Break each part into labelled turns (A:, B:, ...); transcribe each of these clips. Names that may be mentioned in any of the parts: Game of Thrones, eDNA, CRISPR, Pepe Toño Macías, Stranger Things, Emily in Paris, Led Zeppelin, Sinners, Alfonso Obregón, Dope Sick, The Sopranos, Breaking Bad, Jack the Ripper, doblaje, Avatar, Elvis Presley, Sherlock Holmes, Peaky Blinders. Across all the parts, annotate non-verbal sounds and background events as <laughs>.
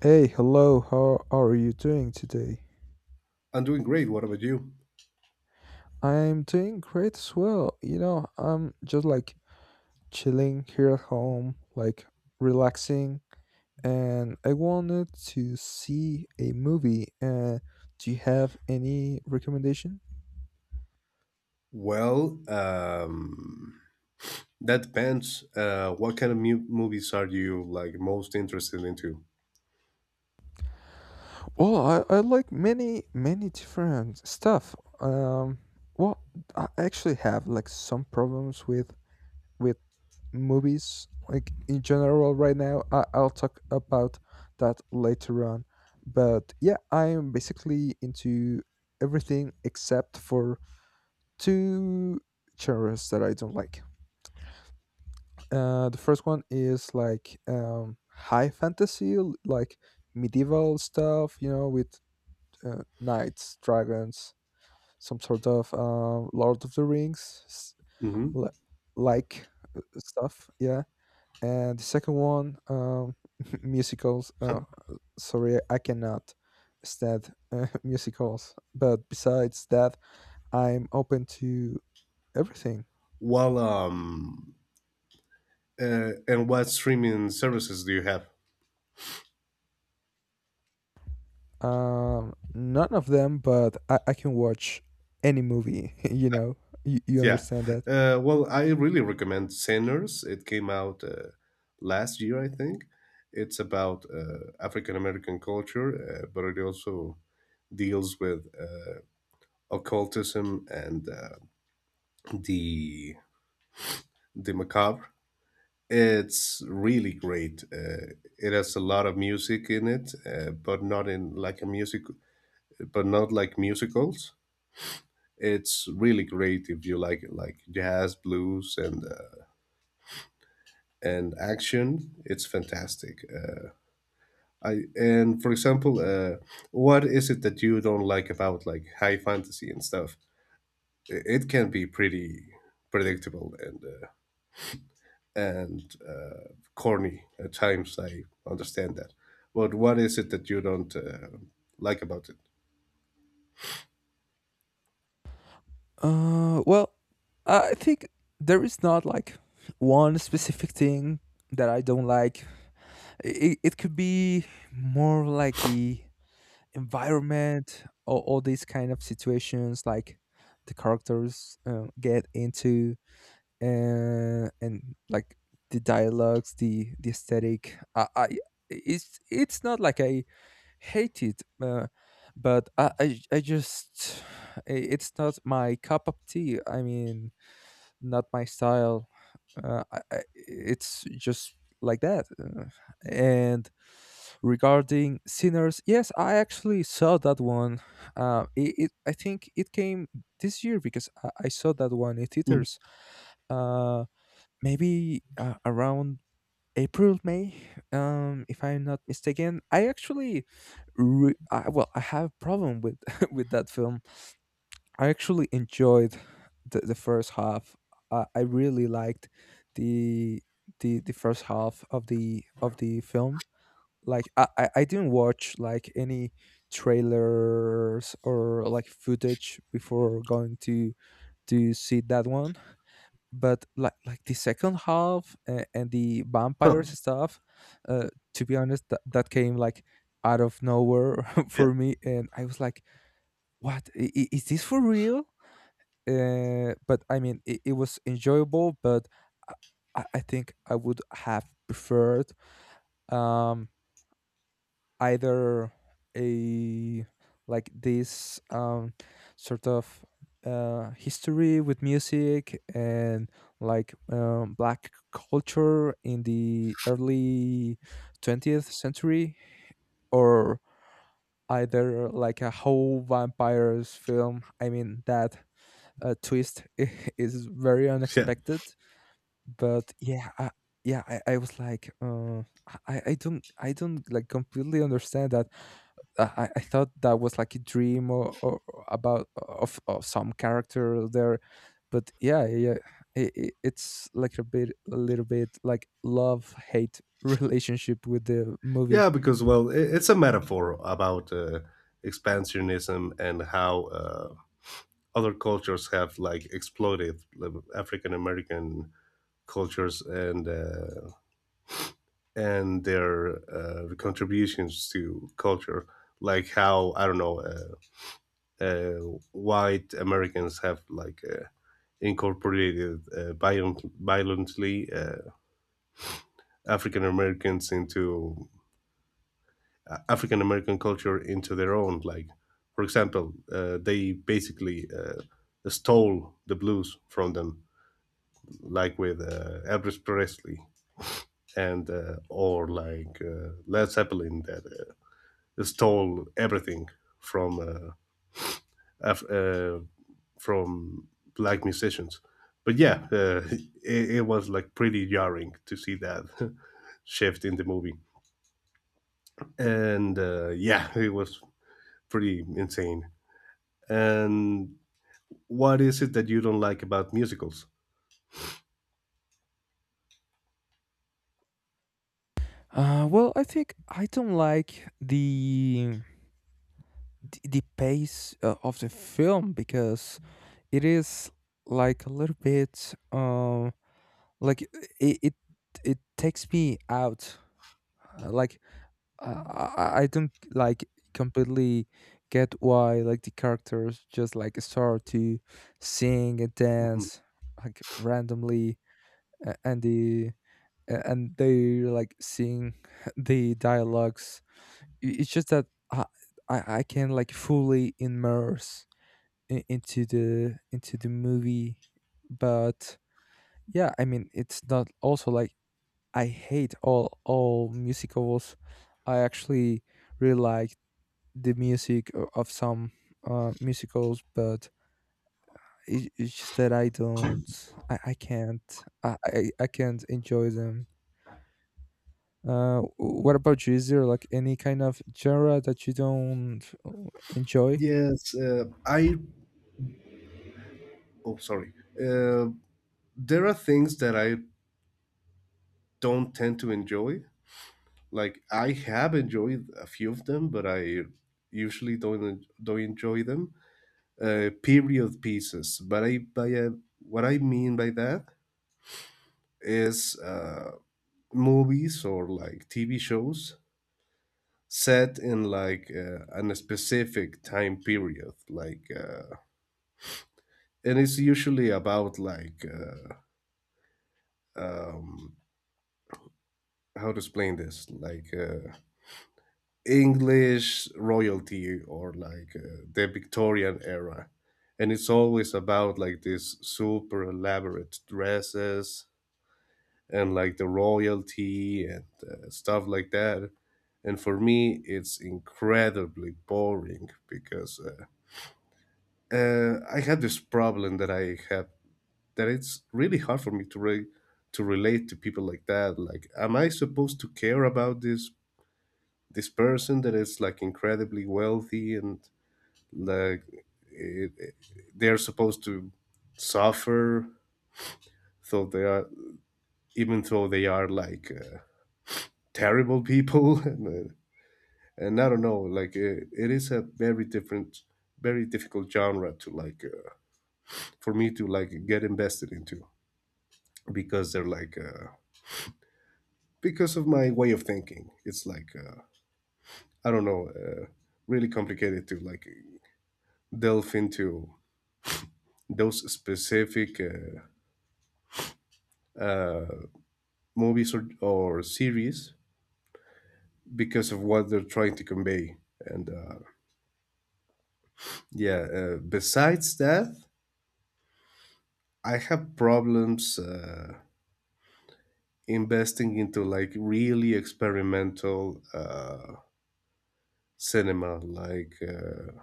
A: Hey, hello, how are you doing today?
B: I'm doing great. What about you?
A: I'm doing great as well. You know, I'm just like chilling here at home, like relaxing, and I wanted to see a movie. Do you have any recommendation?
B: Well, um, that depends. What kind of movies are you like most interested into?
A: Well, I like many, many different stuff. Um, well, I actually have like some problems with with movies like in general right now. I'll talk about that later on, but yeah, I'm basically into everything except for two genres that I don't like. The first one is like high fantasy, like medieval stuff, you know, with knights, dragons, some sort of Lord of the Rings
B: Hmm.
A: li- like stuff, yeah. And the second one, <laughs> musicals. Sorry, I cannot stand <laughs> musicals, but besides that, I'm open to everything.
B: Well, um, and what streaming services do you have?
A: None of them, but I can watch any movie <laughs> you know, you
B: Yeah.
A: understand that.
B: Well, I really recommend Sinners. It came out last year, I think. It's about African American culture, but it also deals with occultism and the the macabre. It's really great. It has a lot of music in it, but not in like a music, but not like musicals. It's really great if you like jazz, blues, and action. It's fantastic. I and for example, what is it that you don't like about like high fantasy and stuff? It can be pretty predictable and corny at times. I understand that. But what is it that you don't like about it?
A: Well, I think there is not like one specific thing that I don't like. It could be more like the environment, all these kind of situations like the characters get into, and like the dialogues, the aesthetic. I, it's not like I hate it, but I just it's not my cup of tea. I mean, not my style. It's just like that. And regarding Sinners, yes, I actually saw that one. It, it I think it came this year, because I saw that one in
B: Mm.
A: theaters. uh, Maybe around April, May, if I'm not mistaken. I actually well, I have problem with <laughs> with that film. I actually enjoyed the first half. I really liked the the first half of the film. Like I didn't watch like any trailers or like footage before going to see that one. But like the second half, and the
B: Huh.
A: vampires stuff. To be honest, that came like out of nowhere <laughs>
B: Yeah,
A: for me, and I was like, "What is this for real?" But I mean, it was enjoyable, but I, I think I would have preferred um, either a like this sort of history with music and like black culture in the early 20th century, or either like a whole vampires film. I mean, that twist <laughs> is very
B: yeah,
A: unexpected. But yeah, yeah, I was like, I don't, completely understand that. I thought that was like a dream or about of some character there, but yeah, yeah, it's like a bit, a little bit like love hate <laughs> relationship with the movie.
B: yeah. Because well, I it's a metaphor about expansionism and how other cultures have like exploded like, African American cultures and their contributions to culture. Like how I don't know uh, white Americans have like incorporated violently African Americans into African American culture into their own. Like, for example, they basically stole the blues from them, like with Elvis Presley and or like Led Zeppelin that stole everything from uh, Af- uh, from black musicians. But yeah, <laughs> it was like pretty jarring to see that <laughs> shift in the movie. And yeah, it was pretty insane. And what is it that you don't like about musicals?
A: Well, I think I don't like the pace of the film because it is like a little bit. Like it it, it takes me out. Like I, I don't like completely get why like the characters just like start to sing and
B: Mhm.
A: dance like randomly. a- and the and they like sing <laughs> the dialogues. It's just that i I can like fully immerse into the movie. But yeah, I mean, it's not also like I hate all musicals. I actually really like the music of some musicals, but it's just that I don't, I can't, I can't enjoy them. What about you? Is there like any kind of genre that you don't enjoy?
B: Yes, sorry. uh, there are things that I don't tend to enjoy. Like I have enjoyed a few of them, but I usually don't enjoy them. Period pieces. But I by what I mean by that is movies or like TV shows set in like an specific time period like and it's usually about like um, how to explain this like english royalty or like the victorian era and it's always about like these super elaborate dresses and like the royalty and stuff like that. And for me, it's incredibly boring because I had this problem that I have that it's really hard for me to to relate to people like that. Like, am I supposed to care about this person that is like incredibly wealthy and like it, it- they're supposed to suffer so they are even though they are like terrible people <laughs> and I don't know, like it is a very different, very difficult genre to like for me to like get invested into because they're like because of my way of thinking. It's like I don't know, really complicated to like delve into those specific movies or series because of what they're trying to convey. And yeah, besides that, I have problems. Investing into like really experimental cinema,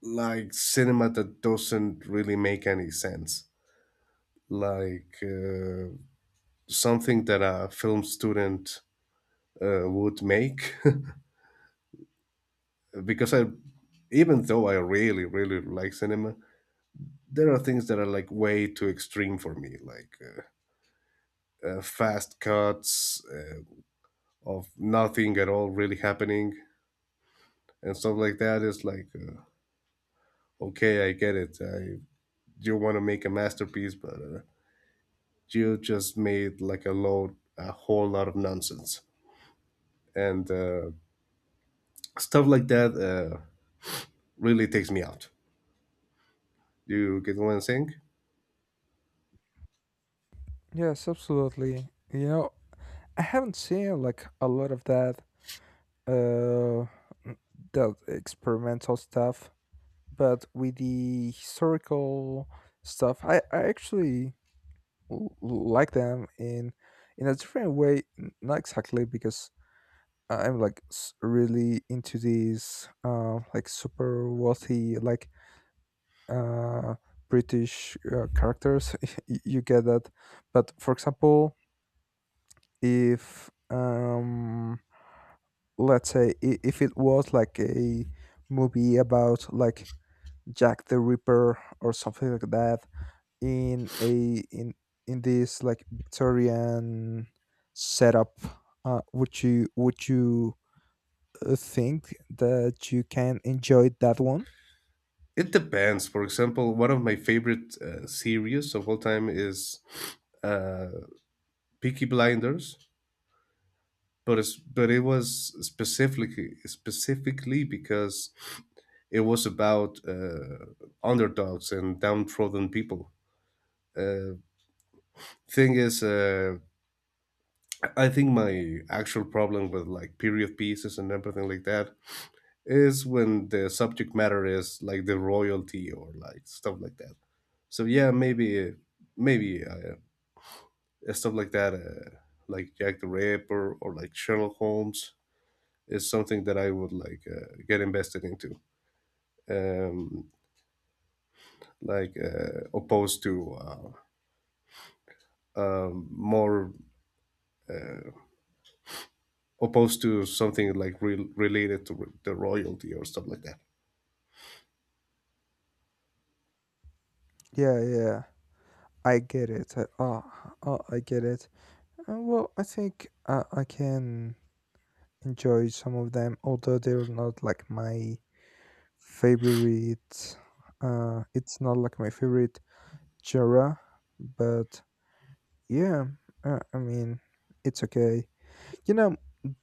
B: like cinema that doesn't really make any sense, like something that a film student would make. <laughs> Because I, even though I really like cinema, there are things that are like way too extreme for me, like. Fast cuts of nothing at all really happening and stuff like that is like okay, I get it. I you want to make a masterpiece, but you just made like a whole lot of nonsense, and stuff like that really takes me out. You get what I'm saying?
A: Yes, absolutely. You know, I haven't seen like a lot of that uh that experimental stuff, but with the historical stuff, I actually like them in a different way. Not exactly because I'm like really into these like super wealthy, like uh British characters <laughs> You get that, but for example, if let's say, if it was like a movie about like Jack the Ripper or something like that in a in in this like Victorian setup, would you think that you can enjoy that one?
B: It depends. For example, one of my favorite series of all time is uh, Peaky Blinders, but it was specifically because it was about underdogs and downtrodden people. Uh, Thing is I think my actual problem with like period pieces and everything like that is when the subject matter is like the royalty or like stuff like that so yeah maybe stuff like that like jack the ripper or like sherlock holmes is something that I would like get invested into um opposed to more opposed to something like related to the royalty or stuff like that.
A: Yeah, yeah. I get it. Oh, oh, I get it. Well, I think I can enjoy some of them, although they're not like my favorite. It's not like my favorite genre, but yeah, I mean, it's okay. You know,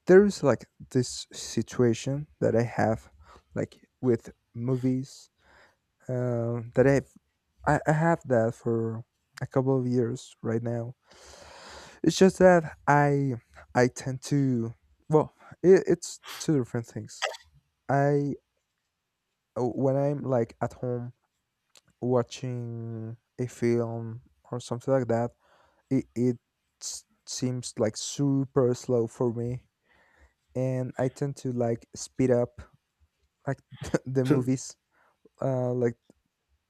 A: there's like this situation that I have, like with movies, that I've, I have that for a couple of years right now. It's just that I tend to, well, it's two different things. I When I'm like at home watching a film or something like that, it seems like super slow for me, and I tend to like speed up like <laughs> the movies, like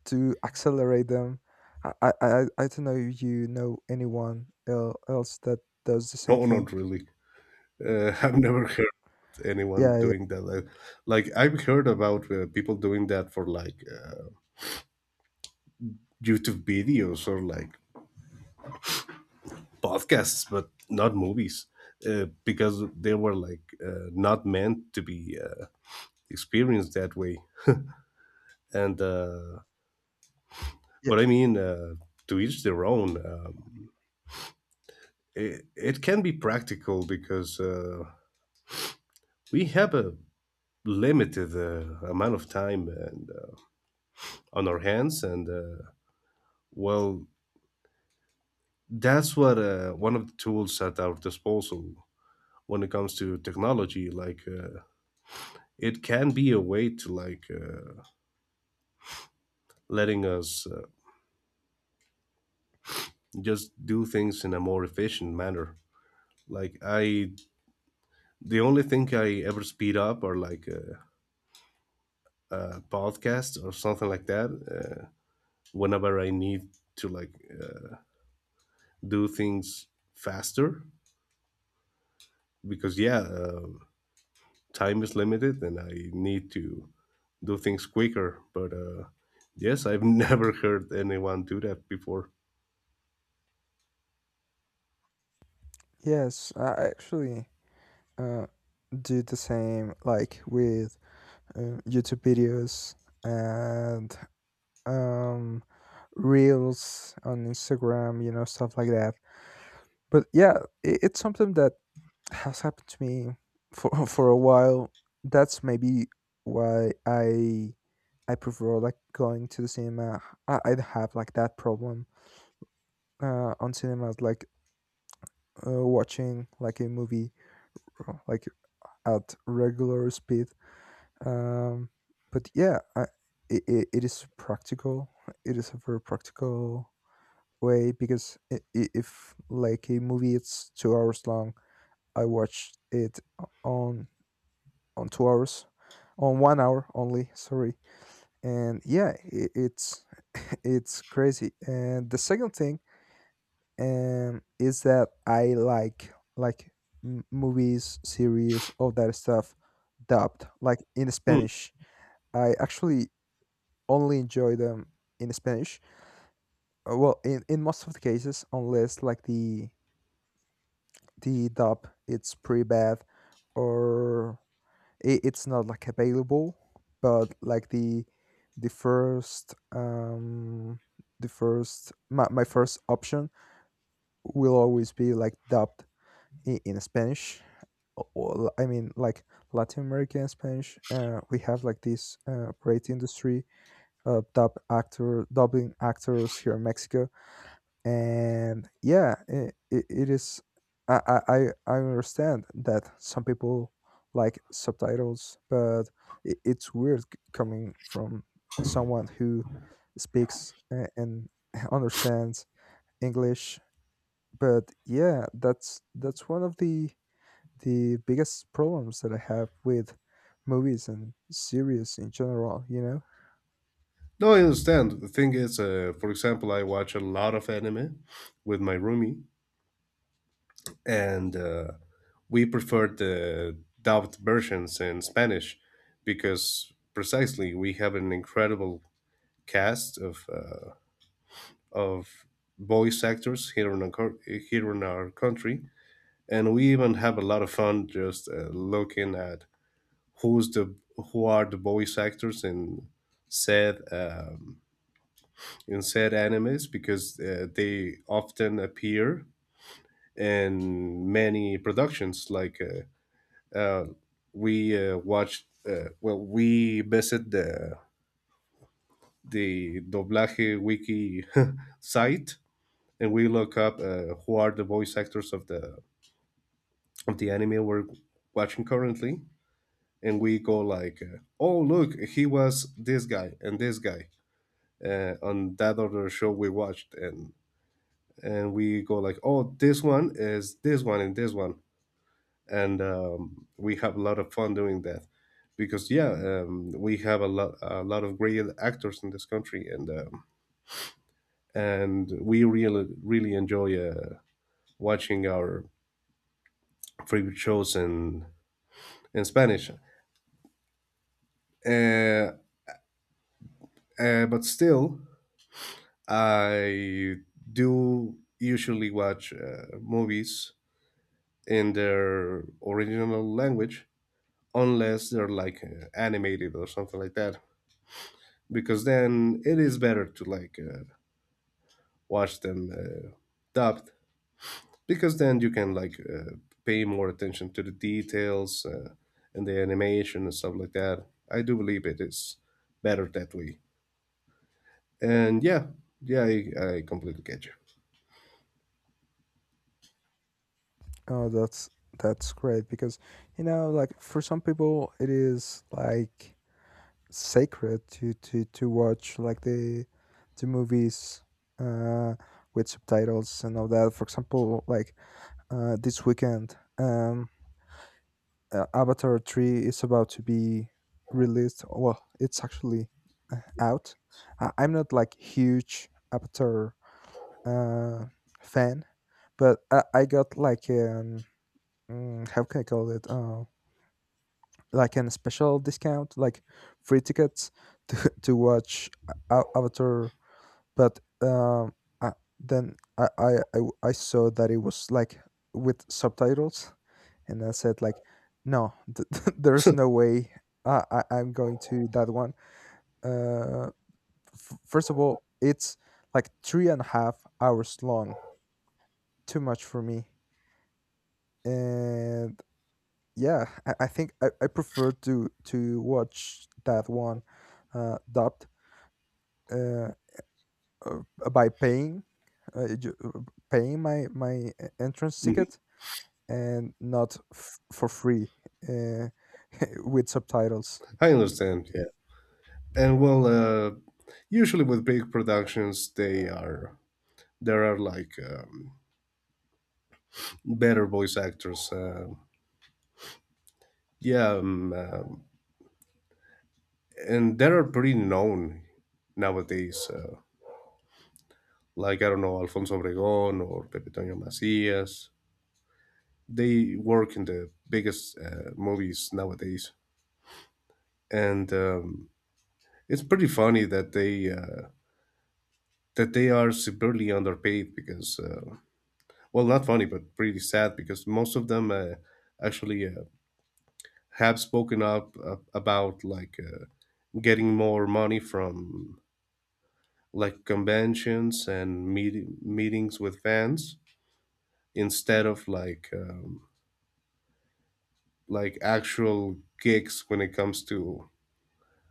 A: to accelerate them. I don't know if you know anyone else that does the same
B: No,
A: thing.
B: not really. <laughs> I've never heard anyone
A: Yeah, yeah,
B: doing that. Like, I've heard about people doing that for like YouTube videos or like podcasts, but not movies, because they were like not meant to be experienced that way. And
A: yeah.
B: but I mean, to each their own. It it can be practical because we have a limited amount of time and on our hands and. Well, that's what one of the tools at our disposal when it comes to technology. Like it can be a way to like letting us just do things in a more efficient manner. Like I, the only thing I ever speed up are like a podcasts or something like that. Whenever I need to like uh, do things faster, because yeah, time is limited and I need to do things quicker. But yes, I've <laughs> never heard anyone do that before.
A: Yes, I actually uh, do the same, like with YouTube videos and um, reels on Instagram, you know, stuff like that. But yeah, it's something that has happened to me for <laughs> for a while. That's maybe why I prefer like going to the cinema. I have like that problem on cinemas, like watching like a movie, like at regular speed. Um, but yeah, I, it is practical. It is a very practical way because if like a movie it's 2 hours long, I watch it on on 2 hours, on 1 hour only. Sorry, and yeah, I it's <laughs> it's crazy. And the second thing is that I like movies, series, all that stuff dubbed, like in
B: Hmm.
A: Spanish. I actually only enjoy them in Spanish. Well, in most of the cases, unless like the dub it's pretty bad, or it's not like available, but like the first um my first option will always be like dubbed in Spanish. I mean, like Latin American Spanish, we have like this great industry of dubbing actors here in Mexico. And yeah, it is I understand that some people like subtitles, but it's weird coming from someone who speaks and <laughs> understands English. But yeah, that's one of the biggest problems that I have with movies and series in general, you know.
B: No, I understand. The thing is, for example, I watch a lot of anime with my roomie, and we prefer the dubbed versions in Spanish because precisely we have an incredible cast of of voice actors here in our country, and we even have a lot of fun just looking at who's the who are the voice actors said um, in said animes because they often appear in many productions. Like uh, uh, we watched, well, we visit the doblaje wiki <laughs> site and we look up who are the voice actors of the anime we're watching currently and we go like oh look he was this guy and this guy on that other show we watched and we go like oh this one is this one and we have a lot of fun doing that because yeah we have a lot of great actors in this country and we really enjoy watching our favorite shows in Spanish uh, but still I do usually watch movies in their original language unless they're like animated or something like that because then it is better to like watch them dubbed because then you can like pay more attention to the details and the animation and stuff like that I do believe it is better that way and yeah yeah I completely get you.
A: Oh, that's great, because you know, like for some people it is like sacred to watch like the movies uh with subtitles and all that. For example, like this weekend, Avatar 3 is about to be released. Well, it's actually out. I'm not like huge Avatar uh fan, but I got like how can I call it, like an special discount, like free tickets to <laughs> to watch Avatar. But I, then I saw that it was like with subtitles, and I said like, no, <laughs> there's no
B: <laughs>
A: way I'm going to that one. Uh, First of all, it's like 3.5 hours long. Too much for me, and yeah, I think I prefer to watch that one dubbed, uh by uh, ju- uh, paying my entrance
B: Mhm.
A: ticket, and not for free, uh, <laughs> with subtitles.
B: I understand, yeah. And well usually with big productions they are there are like better voice actors. Yeah, and they are pretty known nowadays. Like I don't know Alfonso Obregón or Pepe Toño Macías. They work in the biggest movies nowadays, and it's pretty funny that they are severely underpaid because well, not funny but pretty sad because most of them actually have spoken up about like. Getting more money from like conventions and meetings with fans instead of like actual gigs when it comes to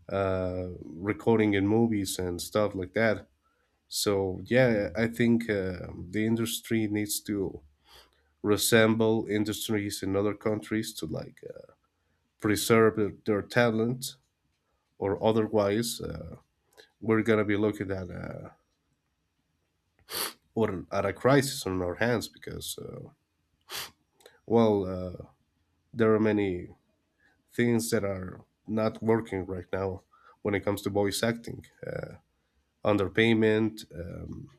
B: recording in movies and stuff like that. So yeah, I think the industry needs to resemble industries in other countries to like preserve their talent, or otherwise we're gonna be looking at a or at a crisis on our hands because well, there are many things that are not working right now when it comes to voice acting, underpayment, um,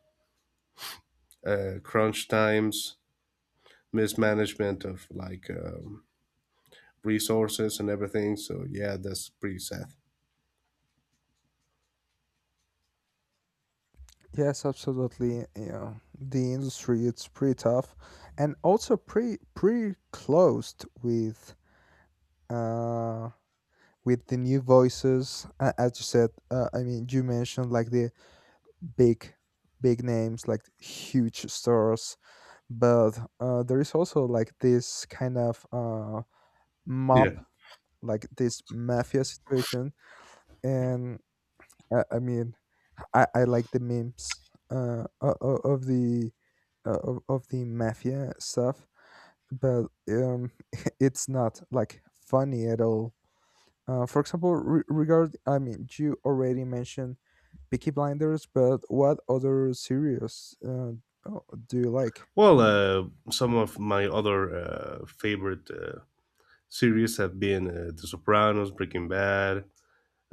B: uh, crunch times, mismanagement of like resources and everything. So, yeah, that's pretty sad.
A: Yes, absolutely. You know, the industry it's pretty tough, and also pretty, pretty closed uh with the new voices, as you said, I mean, you mentioned like the big, big names, like huge stores, but there is also like this kind of
B: Yeah.
A: mob, like this mafia situation. And I mean, I like the memes of the of the mafia stuff. But <laughs> it's not like funny at all. For example, re- regard I mean, you already mentioned Peaky Blinders, but what other series, oh, do you like?
B: Well, some of my other favorite series have been The Sopranos, Breaking Bad,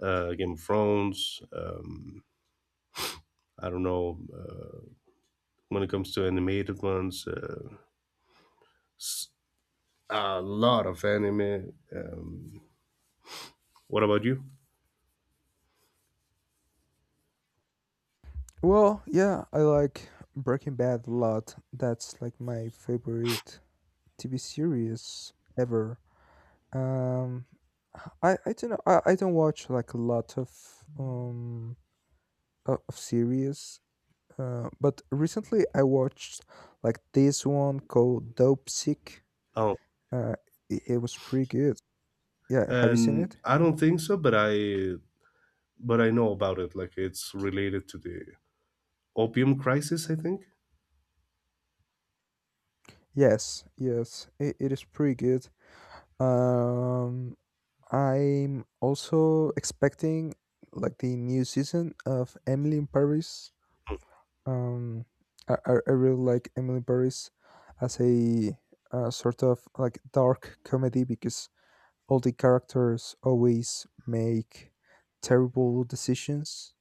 B: Game of Thrones. I don't know when it comes to animated ones. A lot of anime. What about you?
A: Well, yeah, I like Breaking Bad a lot. That's like my favorite TV series ever. Um, I don't know. I don't watch like a lot of of series. But recently I watched like this one called Dope Sick.
B: Oh,
A: Uh, it was pretty good. Yeah, have you seen
B: and
A: it?
B: I don't think so, but I know about it. Like it's related to the opium crisis, I think.
A: Yes, yes, it is pretty good. Um, I'm also expecting like the new season of Emily in Paris. Um, I really like Emily in Paris as a sort of like dark comedy because all the characters always make terrible decisions,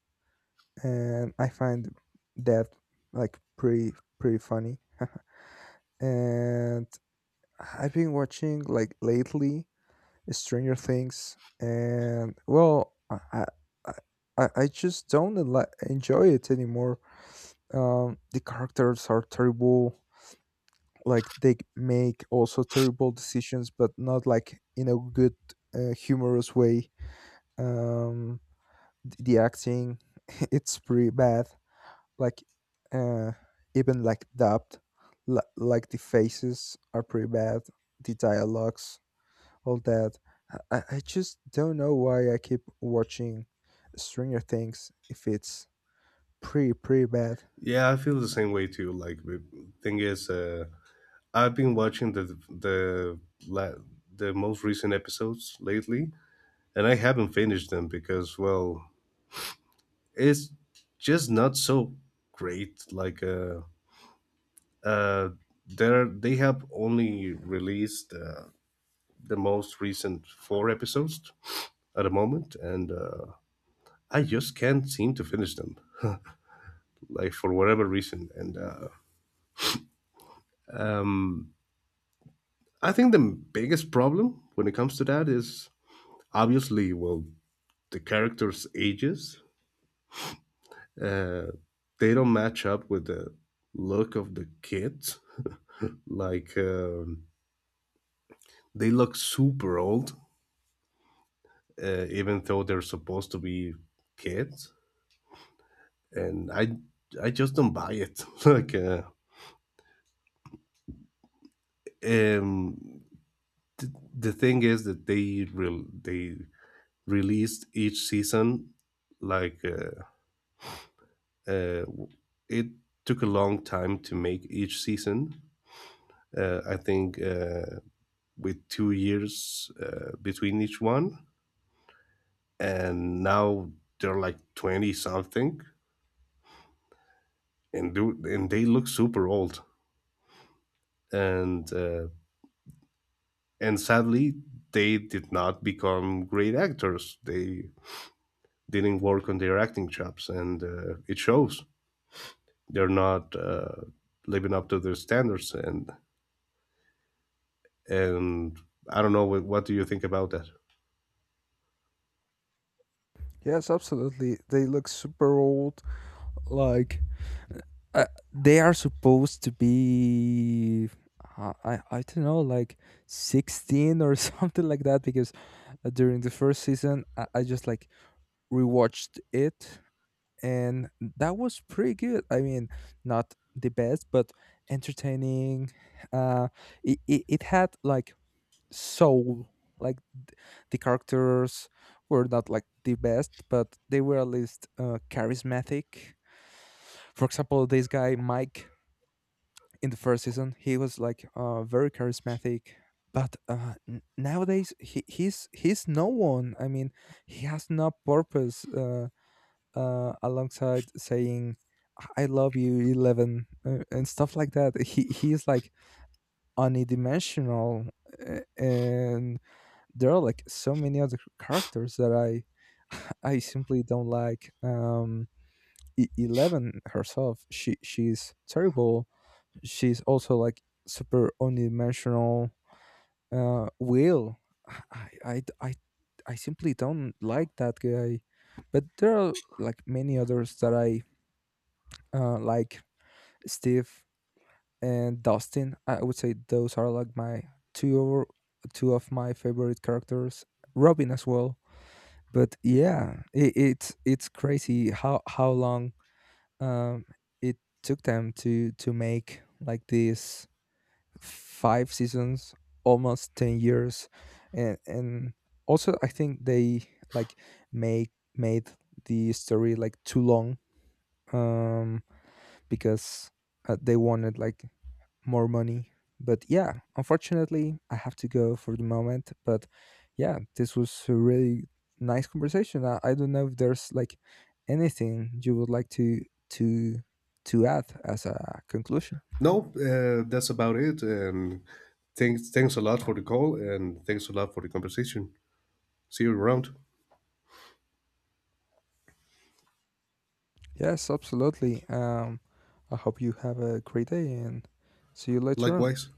A: and I find that like pretty, pretty funny <laughs> and I've been watching, like, lately Stranger Things, and well, I, I just don't enjoy it anymore. The characters are terrible. Like they make also terrible decisions, but not like in a good, humorous way. Um, the acting, <laughs> it's pretty bad. Like, uh, even like dubbed, like the faces are pretty bad. The dialogues, all that. I just don't know why I keep watching Stranger Things if it's pretty, pretty bad.
B: Yeah, I feel the same way too. Like the thing is, I've been watching the la- the most recent episodes lately, and I haven't finished them because well, it's just not so great. Like uh, there they have only released. The most recent four episodes at the moment, and I just can't seem to finish them, like for whatever reason. And I think the biggest problem when it comes to that is obviously, well, the characters' ages uh, they don't match up with the look of the kids. Like they look super old, even though they're supposed to be kids, and I just don't buy it. <laughs> Like. Um th- the thing is that they released each season like uh, it took a long time to make each season I think uh, with 2 years between each one and now they're like 20 something and do and they look super old and uh, and sadly they did not become great actors they didn't work on their acting chops and it shows they're not living up to their standards and I don't know what do you think about that?
A: Yes, absolutely. They look super old. Like, uh, they are supposed to be. I don't know, like 16 or <laughs> something like that, because during the first season, I just like rewatched it, and that was pretty good. I mean, not the best, but entertaining. Uh, it had like soul. Like the characters were not like the best, but they were at least charismatic. For example, this guy Mike in the first season, he was like very charismatic. But nowadays, he's no one. I mean, he has no purpose. Alongside saying, "I love you, Eleven," and stuff like that. He's like unidimensional, and there are like so many other characters that I <laughs> I simply don't like. Eleven herself, she's terrible. She's also like super unidimensional. Will, I I I I simply don't like that guy. But there are like many others that I like, Steve and Dustin. I would say those are like my two two of my favorite characters. Robin as well. But yeah, it's crazy how long um, it took them to make like these five seasons, almost 10 years. And also I think they like make made the story like too long, um because they wanted like more money. But yeah, unfortunately, I have to go for the moment. But yeah, this was a really nice conversation. I don't know if there's like anything you would like to to add as a conclusion.
B: No that's about it. And thanks a lot for the call and thanks a lot for the conversation. See you around.
A: Yes, absolutely. I hope you have a great day, and see you later on.
B: Likewise.